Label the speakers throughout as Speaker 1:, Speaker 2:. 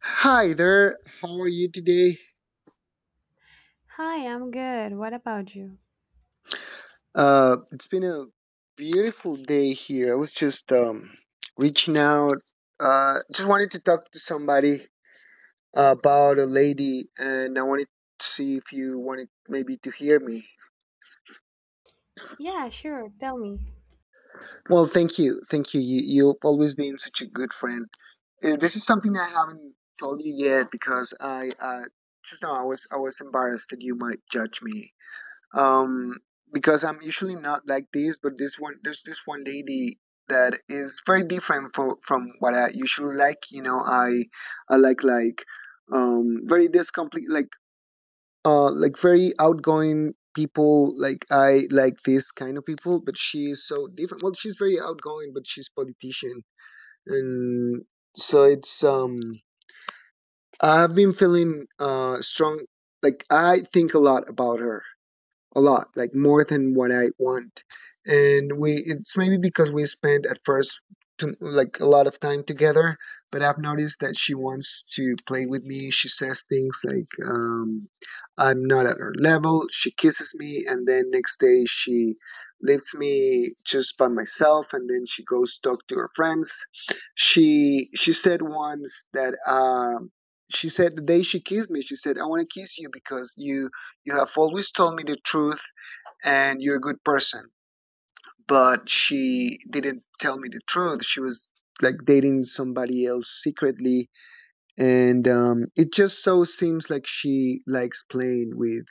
Speaker 1: Hi there, how are you today?
Speaker 2: Hi, I'm good. What about you?
Speaker 1: It's been a beautiful day here. I was just reaching out. Just wanted to talk to somebody about a lady, and I wanted to see if you wanted maybe to hear me.
Speaker 2: Yeah, sure. Tell me.
Speaker 1: Well, thank you, You've always been such a good friend. This is something I haven't told you yet because I just now I was embarrassed that you might judge me um, because I'm usually not like this, but this one there's this one lady that is very different from what I usually like. You know, I like very this complete like very outgoing people. I like this kind of people, but she is so different. Well, she's very outgoing, but she's politician. And so it's um i've been feeling strong. Like, I think a lot about her. A lot, like more than what I want. It's maybe because we spent at first like a lot of time together, but I've noticed that she wants to play with me. She says things like, I'm not at her level. She kisses me, and then next day she leaves me just by myself, and then she goes talk to her friends. She said once that she said the day she kissed me, she said, "I want to kiss you because you have always told me the truth, and you're a good person." But she didn't tell me the truth. She was like dating somebody else secretly, and it just so seems like she likes playing with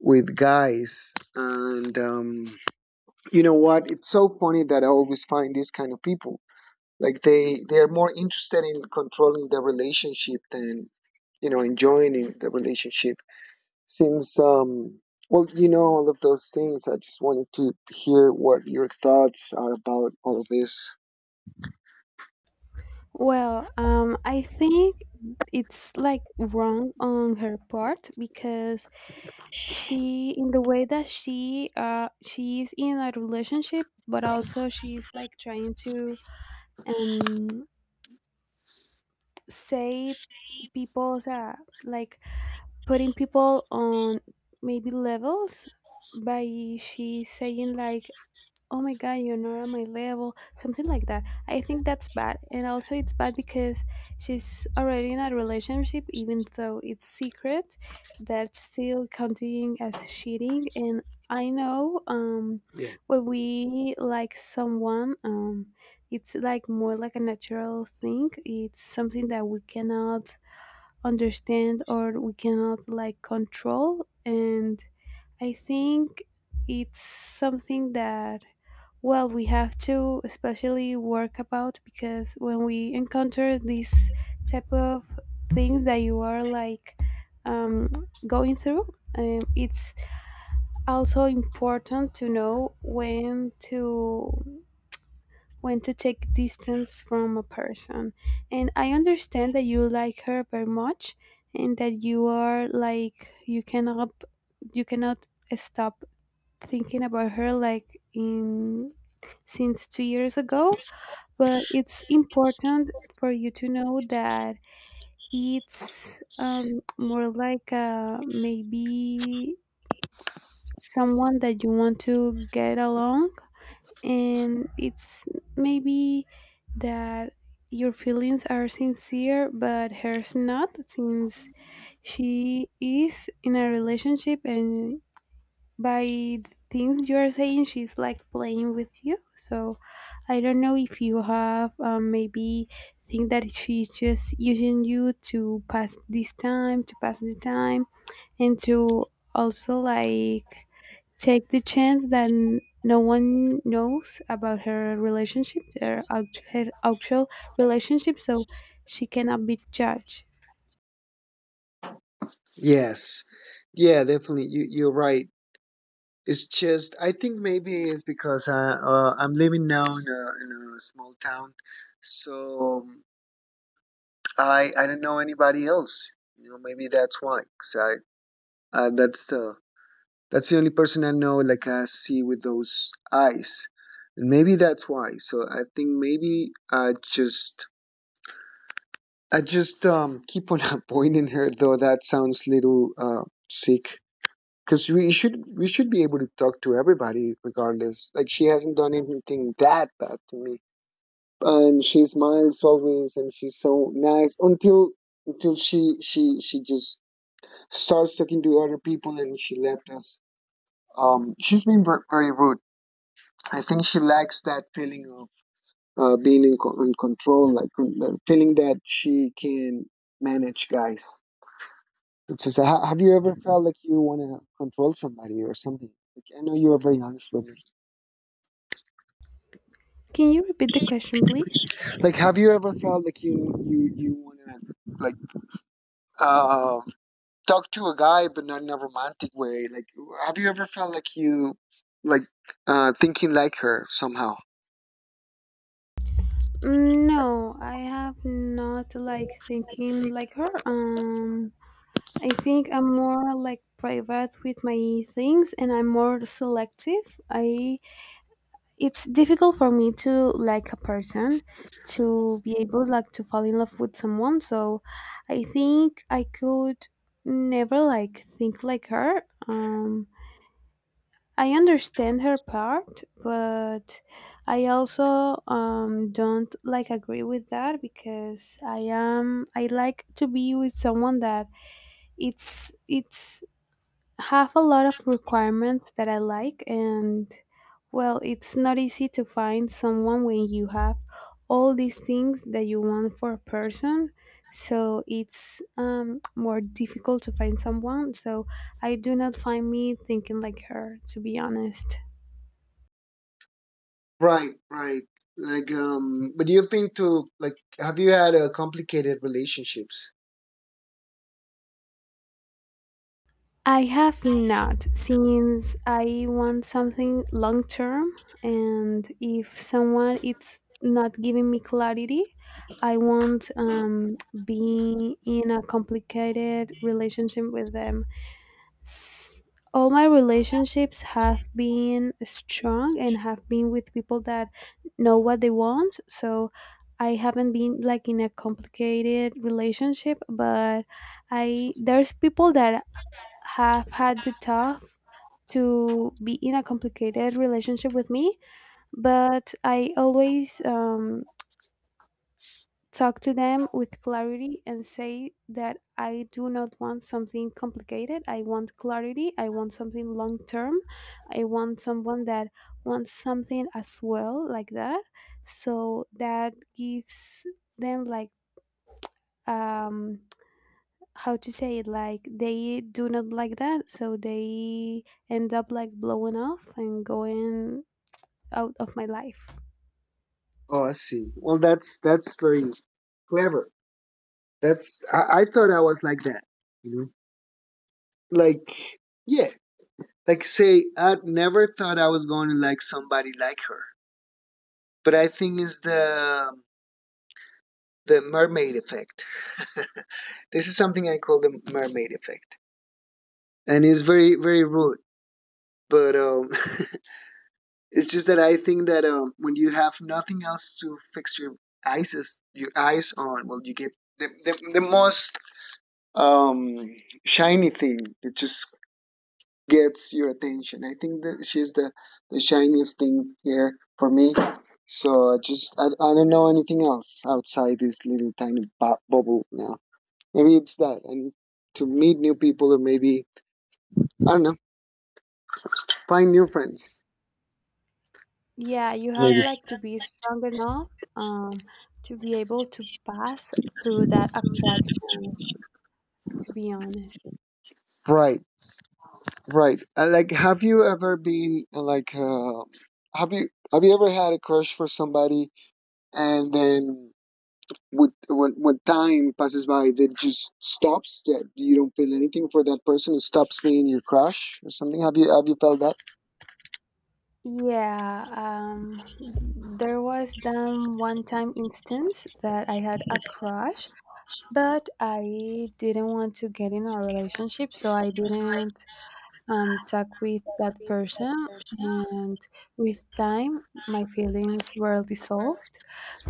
Speaker 1: guys. And You know what, it's so funny that I always find these kind of people. Like, they're more interested in controlling the relationship than, you know, enjoying the relationship. Since, um, you know all of those things. I just wanted to hear what your thoughts are about all of this.
Speaker 2: Well, I think it's like wrong on her part because she, in the way that she is in a relationship, but also she's like trying to um say people's like putting people on maybe levels by she saying like, oh my god, you're not on my level, something like that. I think that's bad, and also it's bad because she's already in a relationship, even though it's secret. That's still counting as cheating. And I know,
Speaker 1: Yeah.
Speaker 2: when we like someone, it's like more like a natural thing. It's something that we cannot understand or we cannot like control. And I think it's something that, well, we have to especially work about because when we encounter these type of things that you are like, um, going through, it's also important to know when to take distance from a person. And I understand that you like her very much and that you are like you cannot you cannot stop thinking about her like in since 2 years ago, but it's important for you to know that it's, more like maybe someone that you want to get along, and it's maybe that your feelings are sincere but hers not, since she is in a relationship, and by the things you're saying, she's like playing with you. So I don't know if you have, maybe think that she's just using you to pass this time, to pass the time, and to also like take the chance that no one knows about her relationship, her, her actual relationship, so she cannot be judged.
Speaker 1: Yes. Yeah, definitely. You're right. It's just I think maybe it's because I'm living now in a small town, so I don't know anybody else. You know, maybe that's why. 'Cause I that's the That's the only person I know, like I see with those eyes. And maybe that's why. So I think maybe I just keep on avoiding her, though that sounds little sick. Cause we should be able to talk to everybody regardless. Like, she hasn't done anything that bad to me. And she smiles always and she's so nice until she just starts talking to other people and she left us. She's been very rude. I think she lacks that feeling of being in control, like, feeling that she can manage guys. It's just, have you ever felt like you want to control somebody or something? Like, I know you are very honest with me.
Speaker 2: Can you repeat the question, please?
Speaker 1: Like, have you ever felt like you want to, like, uh, talk to a guy, but not in a romantic way? Like, have you ever felt like you, like, thinking like her somehow?
Speaker 2: Mm, no, I have not like thinking like her. I think I'm more like private with my things and I'm more selective. I It's difficult for me to like a person, to be able like to fall in love with someone. So I think I could never like think like her. I understand her part, but I also, don't like agree with that because I like to be with someone that it's have a lot of requirements that I like. And well, it's not easy to find someone when you have all these things that you want for a person, so it's, more difficult to find someone. So I do not find me thinking like her, to be honest.
Speaker 1: Right, right. Like, but you've been to, like, have you had complicated relationships?
Speaker 2: I have not, since I want something long term, and if someone it's not giving me clarity, I won't, be in a complicated relationship with them. S- All my relationships have been strong and have been with people that know what they want, so I haven't been like in a complicated relationship, but I, there's people that have had the tough to be in a complicated relationship with me, but I always, talk to them with clarity and say that I do not want something complicated. I want clarity. I want something long term. I want someone that wants something as well, like that. So that gives them like, um how to say it, like they do not like that, so they end up like blowing off and going out of my life.
Speaker 1: Oh, I see. Well, that's very clever. I thought I was like that. You know, like, yeah, like say I never thought I was going to like somebody like her. But I think it's the mermaid effect. This is something I call the mermaid effect, and it's very very rude. But It's just that I think that when you have nothing else to fix your eyes on, well, you get the most um, shiny thing that just gets your attention. I think that she's the shiniest thing here for me. So I just I don't know anything else outside this little tiny bubble now. Maybe it's that, and to meet new people, or maybe I don't know, find new friends.
Speaker 2: Yeah, you have like to be strong enough, um to be able to pass through that attraction, to be honest.
Speaker 1: Right. Right. Like, have you ever been have you ever had a crush for somebody, and then with when time passes by, that just stops. That you don't feel anything for that person. It stops being your crush or something. Have you, felt that?
Speaker 2: Yeah, there was then one time instance that I had a crush, but I didn't want to get in a relationship, so I didn't, talk with that person. And with time, my feelings were dissolved.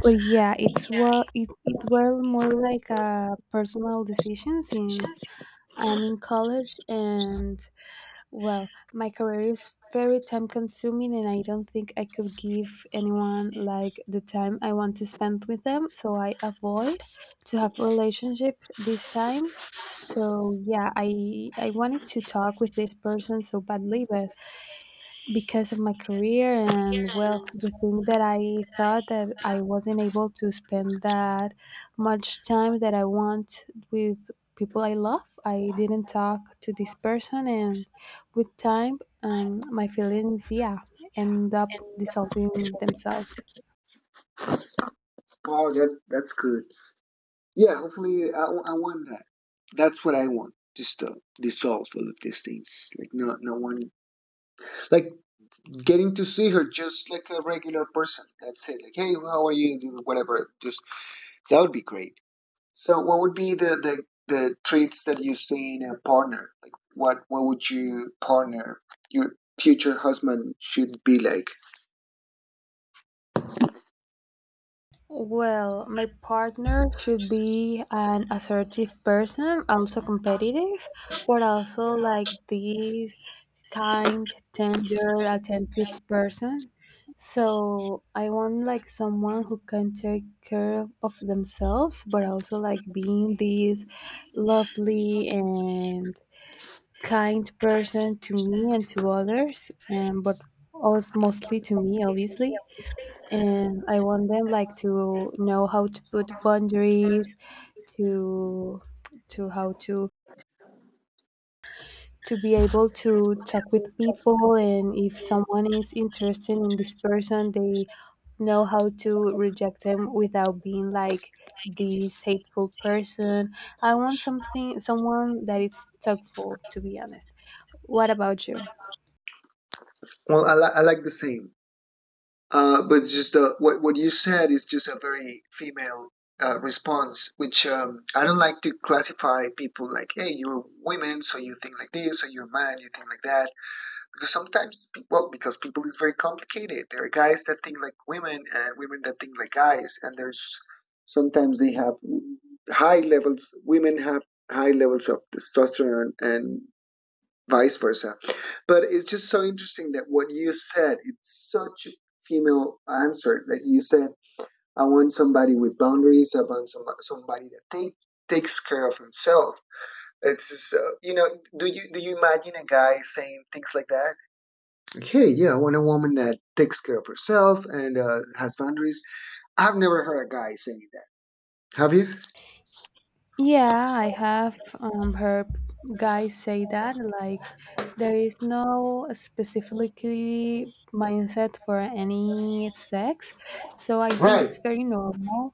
Speaker 2: But yeah, it's it, it were more like a personal decision since I'm in college, and well, my career is very time consuming, and I don't think I could give anyone like the time I want to spend with them, so I avoid to have relationship this time. So yeah, I wanted to talk with this person so badly, but because of my career and well, the thing that I thought that I wasn't able to spend that much time that I want with people I love, I didn't talk to this person. And with time, my feelings, yeah, end up dissolving themselves.
Speaker 1: Oh, that that's good. Yeah. Hopefully, I want that. That's what I want. Just to dissolve all of these things. Like, not, no one. Like, getting to see her just like a regular person. That's it. Like, hey, how are you? Whatever. Just that would be great. So, what would be the traits that you see in a partner? Like, what would you partner, your future husband, should be like?
Speaker 2: Well, my partner should be an assertive person, also competitive, but also like this kind, tender, attentive person. So I want like someone who can take care of themselves, but also like being this lovely and kind person to me and to others, and but also mostly to me, obviously. And I want them like to know how to put boundaries, to to how to be able to talk with people, and if someone is interested in this person, they know how to reject them without being like this hateful person. I want something someone that is thoughtful, to be honest. What about you?
Speaker 1: Well, I like the same, but just the what you said is just a very female. Response, which I don't like to classify people like, hey, you're women, so you think like this, or you're man, you think like that. Because sometimes pe- well because people is very complicated. There are guys that think like women and women that think like guys. And there's sometimes they have high levels, women have high levels of testosterone and vice versa. But it's just so interesting that what you said, it's such a female answer that you said. I want somebody with boundaries. I want somebody that takes care of himself. It's just, you know, do you imagine a guy saying things like that? Hey, yeah, I want a woman that takes care of herself and has boundaries. I've never heard a guy saying that. Have you?
Speaker 2: Yeah, I have, heard guys say that like there is no specifically mindset for any sex. So I think
Speaker 1: Right,
Speaker 2: it's very normal.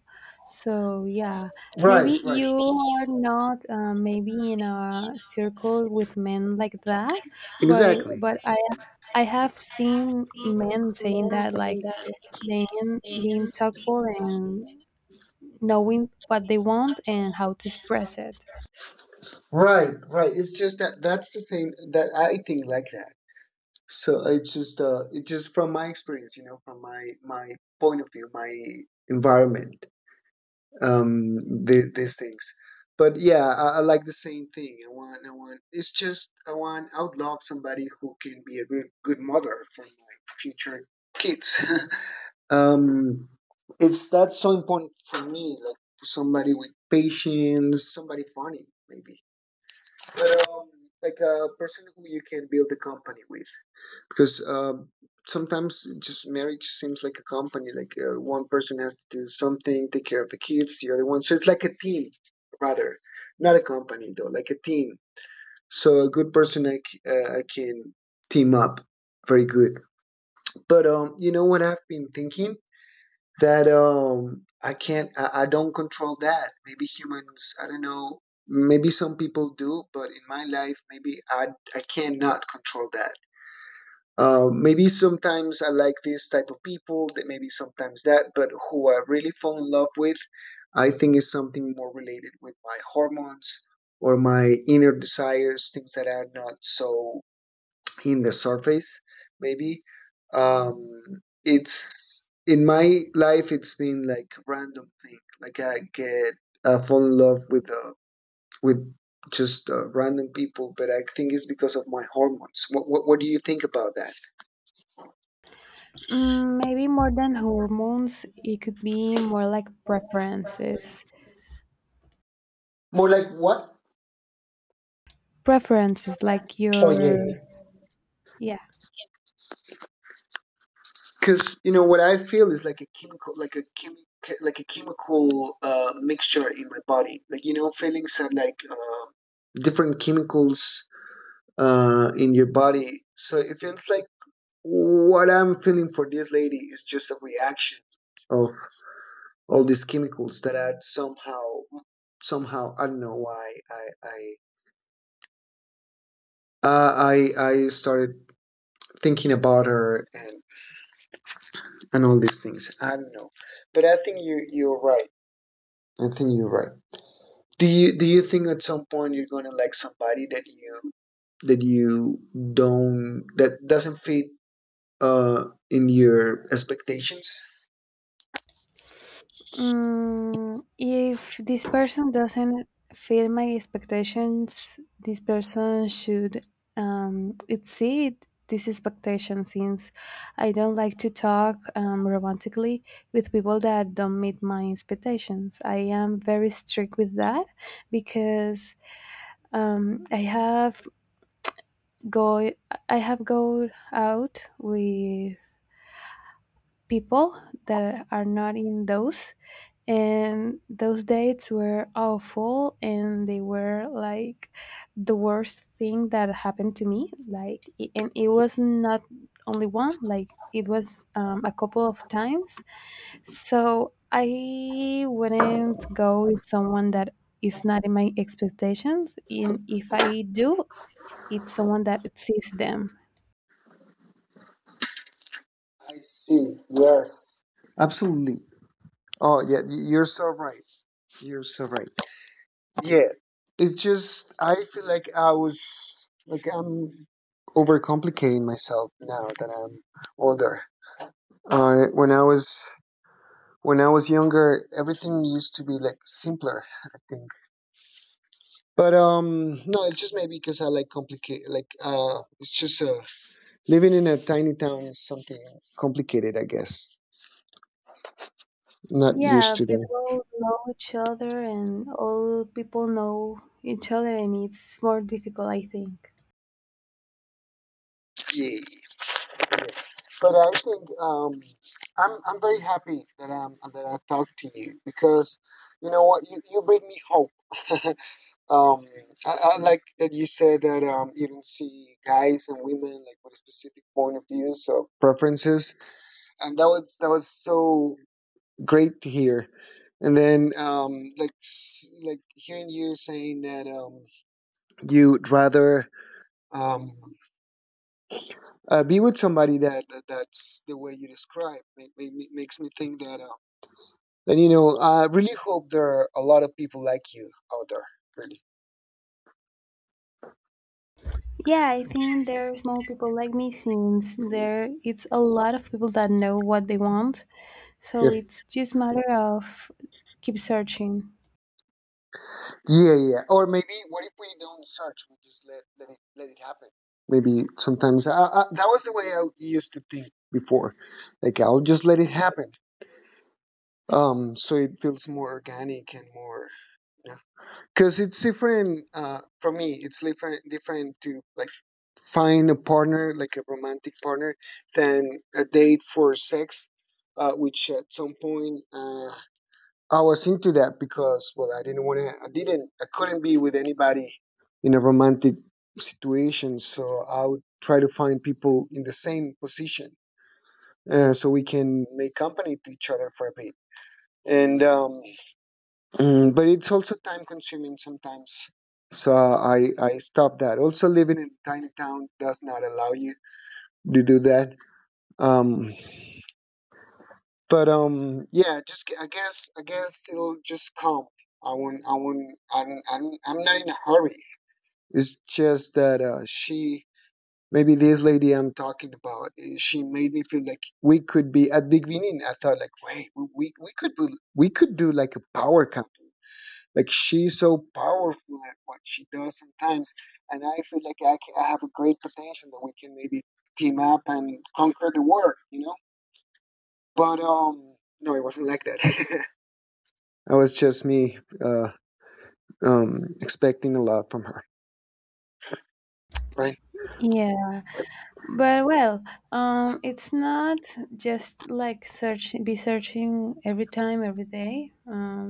Speaker 2: So yeah,
Speaker 1: right,
Speaker 2: maybe
Speaker 1: right.
Speaker 2: you are not, maybe in a circle with men like that, but
Speaker 1: Exactly.
Speaker 2: I have seen men saying that like men being tactful and knowing what they want and how to express it.
Speaker 1: Right, right. It's just that that's the same that I think like that. So it's just from my experience, you know, from my point of view, my environment. um, the, these things. But yeah, I like the same thing. I want. It's just I want. I would love somebody who can be a good, good mother for my future kids. um, it's that's so important for me. Like, somebody with patience, somebody funny maybe, but like a person who you can build a company with. Because sometimes just marriage seems like a company. Like, one person has to do something, take care of the kids, the other one, so it's like a team. Rather not a company, though, like a team. So a good person I can team up very good. But You know what, I've been thinking that I can't I don't control that. Maybe humans, I don't know, maybe some people do, but in my life, maybe I cannot control that. Maybe sometimes I like this type of people, that maybe sometimes that, but who I really fall in love with, I think is something more related with my hormones or my inner desires, things that are not so in the surface, maybe. It's in my life, it's been like random thing. Like, I get fall in love with just random people, but I think it's because of my hormones. What do you think about that?
Speaker 2: Mm, maybe more than hormones, it could be more like preferences.
Speaker 1: More like what?
Speaker 2: Preferences, like
Speaker 1: Oh yeah,
Speaker 2: your,
Speaker 1: yeah.
Speaker 2: yeah.
Speaker 1: Because you know what I feel is like a chemical, like a like a chemical mixture in my body. Like, you know, feelings are like different chemicals in your body. So it feels like what I'm feeling for this lady is just a reaction of all these chemicals that somehow I don't know why I started thinking about her and all these things. I don't know, but I think you're right. I think you're right. Do you think at some point you're gonna like somebody that you don't, that doesn't fit in your expectations?
Speaker 2: Mm, if this person doesn't fill my expectations, this person should, exceed these expectations, since I don't like to talk, romantically with people that don't meet my expectations. I am very strict with that because, um, I have go I have go out with people that are not in those, and those dates were awful, and they were like the worst thing that happened to me. Like, and it was not only one. Like, it was, a couple of times. So I wouldn't go with someone that is not in my expectations, and if I do, it's someone that sees them.
Speaker 1: I see. Yes. Absolutely. Oh yeah, you're so right. You're so right. Yeah. It's just I feel like I was like I'm overcomplicating myself now that I'm older. Uh, when I was when I was younger, everything used to be like simpler, I think. But No, it's just maybe because I like complicate. Like, it's just living in a tiny town is something complicated, I guess. Not
Speaker 2: Yeah,
Speaker 1: used to that.
Speaker 2: people know each other and all people know each other, and it's more difficult, I think.
Speaker 1: Yeah. But I think I'm very happy that I talked to you because you know what, you bring me hope. um, I like that you said that you don't see guys and women like with a specific point of views or preferences and that was so great to hear and then hearing you saying that you'd rather um be with somebody that's the way you describe makes me think that and you know I really hope there are a lot of people like you out there, really.
Speaker 2: Yeah, I think there are small people like me, since there it's a lot of people that know what they want. So
Speaker 1: Yep.
Speaker 2: it's just matter of keep searching.
Speaker 1: Yeah, yeah, or maybe what if we don't search, we just let it happen. Maybe sometimes that was the way I used to think before, like I'll just let it happen, so it feels more organic and more, because it's different. For me it's different, to like find a partner, like a romantic partner, than a date for sex, which at some point, I was into that because well, I didn't want to, I couldn't be with anybody in a romantic situation, so I would try to find people in the same position, so we can make company to each other for a bit. And mm, but it's also time consuming sometimes. So I stopped that. Also, living in a tiny town does not allow you to do that. Um, but yeah, I guess it'll just come. I won't I'm not in a hurry. It's just that she, maybe this lady I'm talking about, she made me feel like we could be at the beginning. I thought like, wait, we could be, we could do like a power couple. Like she's so powerful at what she does sometimes, and I feel like I have a great potential that we can maybe team up and conquer the world, you know. But no, it wasn't like that. That was just me, uh, expecting a lot from her, right?
Speaker 2: Yeah. But well, it's not just like search, be searching every time, every day.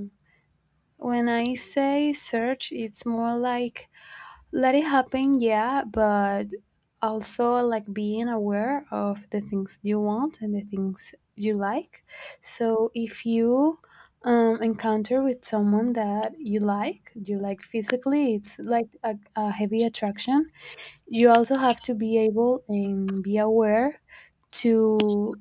Speaker 2: When I say search, it's more like, let it happen, yeah, but also like being aware of the things you want and the things you like. So if you, encounter with someone that you like physically, it's like a heavy attraction. You also have to be able and be aware to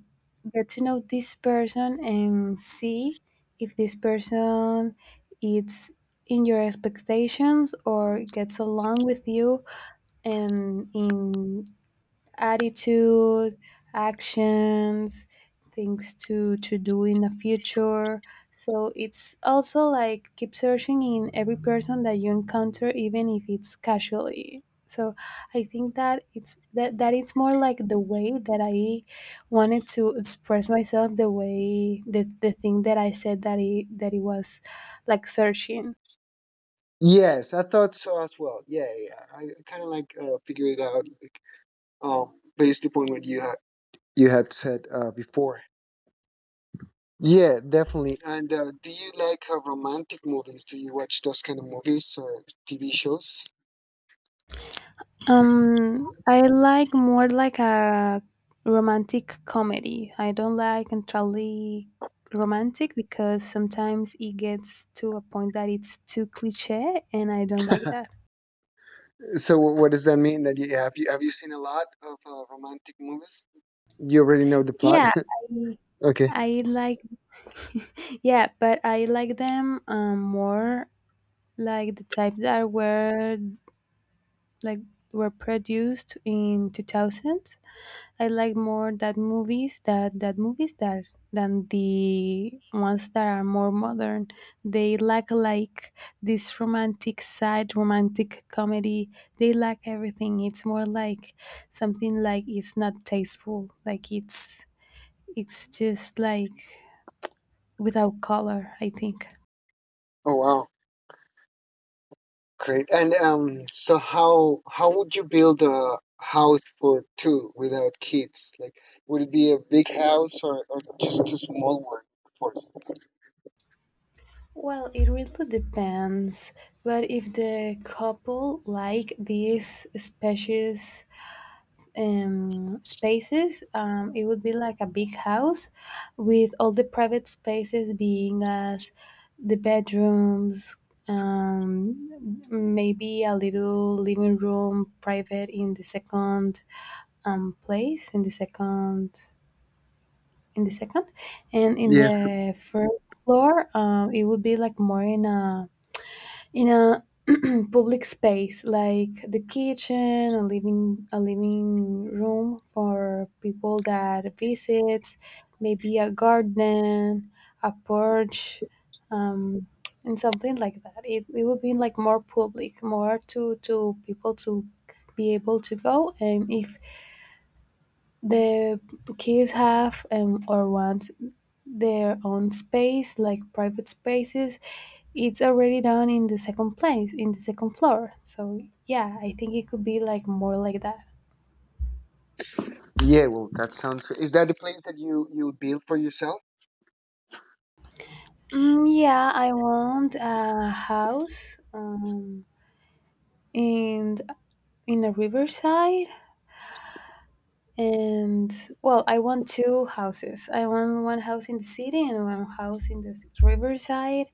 Speaker 2: get to know this person and see if this person is in your expectations or gets along with you, and in attitude, actions, things to do in the future. So it's also like keep searching in every person that you encounter, even if it's casually. So I think that it's that it's more like the way that I wanted to express myself, the way the thing that I said that it was like searching.
Speaker 1: Yes, I thought so as well. Yeah, yeah. I kind of like, figured it out, like, based upon what you had said, before. Yeah, definitely. And do you like romantic movies? Do you watch those kind of movies or TV shows?
Speaker 2: I like more like a romantic comedy. I don't like entirely romantic because sometimes it gets to a point that it's too cliche, and I don't like that.
Speaker 1: So what does that mean? That you seen a lot of romantic movies? You already know the plot.
Speaker 2: Yeah, I,
Speaker 1: Okay.
Speaker 2: I like. Yeah, but I like them, more like the type that were like were produced in 2000. I like more that movies that than the ones that are more modern. They lack like this romantic side, romantic comedy. They lack everything. It's more like something, like it's not tasteful. Like it's just like without color, I think.
Speaker 1: Oh wow, great. And so how would you build a house for two without kids? Like, would it be a big house, or just a small one first?
Speaker 2: Well, it really depends. But if the couple like these specious, spaces. It would be like a big house with all the private spaces being as the bedrooms, um, maybe a little living room private in the second, place, in the second, in the second, and in
Speaker 1: Yes.
Speaker 2: the first floor, it would be like more in a in a public space like the kitchen, a living room for people that visits, maybe a garden, a porch, um, and something like that. It would be like more public, more to people to be able to go. And if the kids have, or want their own space like private spaces, it's already done in the second place, in the second floor. So yeah, I think it could be like more like that.
Speaker 1: Yeah. Well, that sounds. Is that the place that you build for yourself?
Speaker 2: Mm, yeah, I want a house, in a riverside, and well, I want two houses. I want one house in the city and one house in the riverside.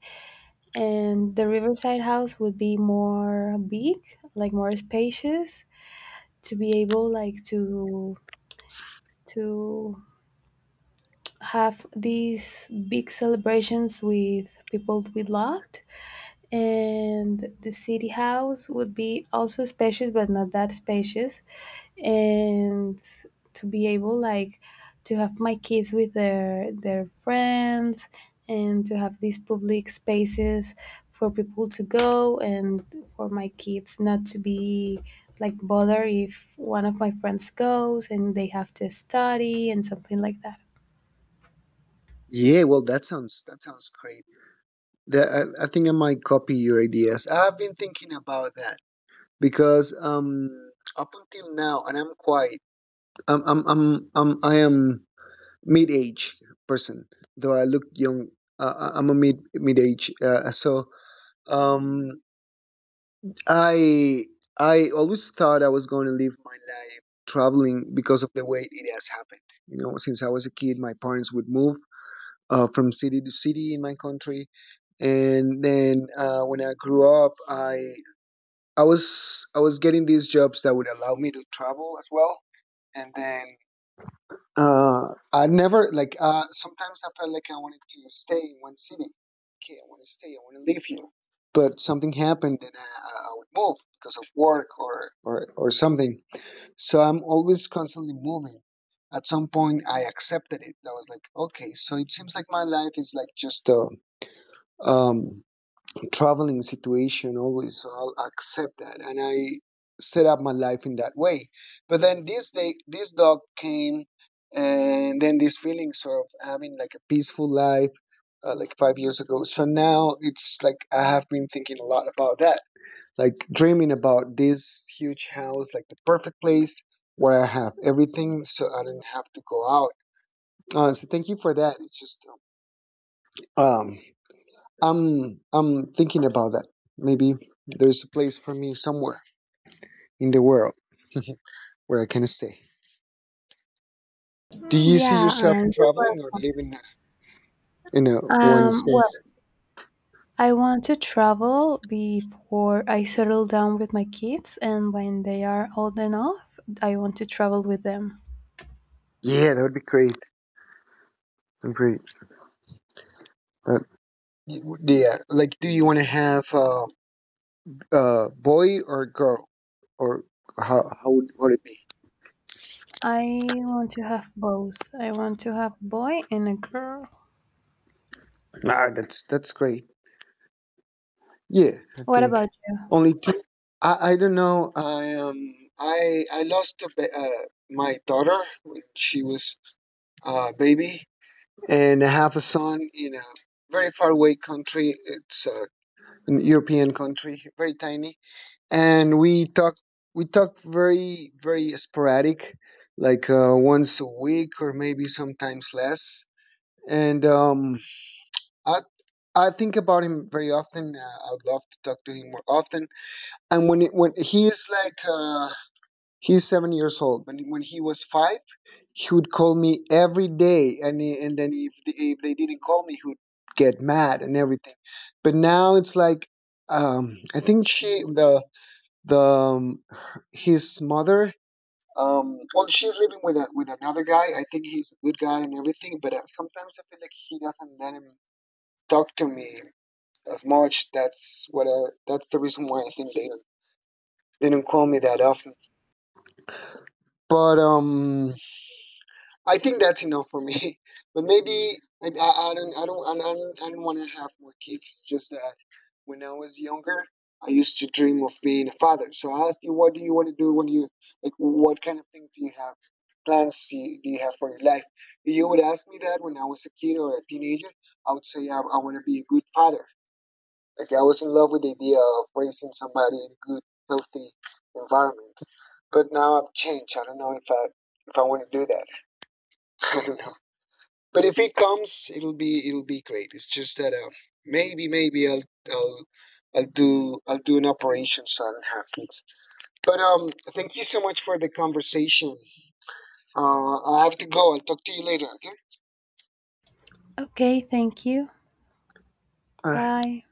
Speaker 2: And the riverside house would be more big, like more spacious, to be able like to have these big celebrations with people we loved. And the city house would be also spacious but not that spacious, and to be able like to have my kids with their friends, and to have these public spaces for people to go, and for my kids not to be like bothered if one of my friends goes and they have to study and something like that.
Speaker 1: Yeah, well, that sounds great. The, I think I might copy your ideas. I've been thinking about that because up until now, and I'm quite, I am mid-age person, though I look young. I'm a mid-age, so um, I I always thought I was going to live my life traveling because of the way it has happened. You know, since I was a kid, my parents would move from city to city in my country. And then when I grew up, I was getting these jobs that would allow me to travel as well. And then uh, I never like, sometimes I felt like I wanted to stay in one city. Okay, I want to stay. I want to live here. But something happened, and I would move because of work, or something, so I'm always constantly moving. At some point, I accepted it. I was like, okay, so it seems like my life is like just a, um, traveling situation always. So I'll accept that, and I set up my life in that way. But then this day, this dog came, and then these feelings of having like a peaceful life, like five years ago. So now it's like I have been thinking a lot about that, like dreaming about this huge house, like the perfect place where I have everything, so I don't have to go out. So thank you for that. It's just um, I'm thinking about that. Maybe there's a place for me somewhere in the world where I can stay. Do
Speaker 2: Mm,
Speaker 1: you see
Speaker 2: yeah,
Speaker 1: yourself
Speaker 2: you're
Speaker 1: traveling or
Speaker 2: right.
Speaker 1: living in a one
Speaker 2: Well,
Speaker 1: space?
Speaker 2: I want to travel before I settle down with my kids, and when they are old enough, I want to travel with them.
Speaker 1: Yeah, that would be great. I'm great. Uh, yeah, like, do you want to have boy or girl, or how would it be?
Speaker 2: I want to have both. I want to have boy and a girl.
Speaker 1: Ah, that's great. Yeah, I
Speaker 2: What
Speaker 1: think
Speaker 2: about
Speaker 1: only two. I don't know. I lost a my daughter when she was a baby, and I have a son in a very far away country. It's an European country, very tiny, and we talk very very sporadic, like once a week or maybe sometimes less. And I, I think about him very often. I would love to talk to him more often. And when he is like he's seven years old, when he was five, he would call me every day, and then if they didn't call me, he would get mad and everything. But now it's like I think she the his mother. Well, she's living with a, with another guy. I think he's a good guy and everything, but sometimes I feel like he doesn't let him talk to me as much. That's what that's the reason why I think they don't call me that often. But I think that's enough for me. But maybe I don't I don't want to have more kids. Just that when I was younger, I used to dream of being a father. So I asked you, what do you want to do when you like? What kind of things do you have? Plans do you have for your life? If you would ask me that when I was a kid or a teenager, I would say I want to be a good father. Like I was in love with the idea of raising somebody in a good, healthy environment. But now I've changed. I don't know if I want to do that. I don't know. But if it comes, it'll be great. It's just that maybe I'll I'll do an operation so I don't have kids. But thank you so much for the conversation. I have to go. I'll talk to you later. Okay.
Speaker 2: you? Okay, thank you. Bye.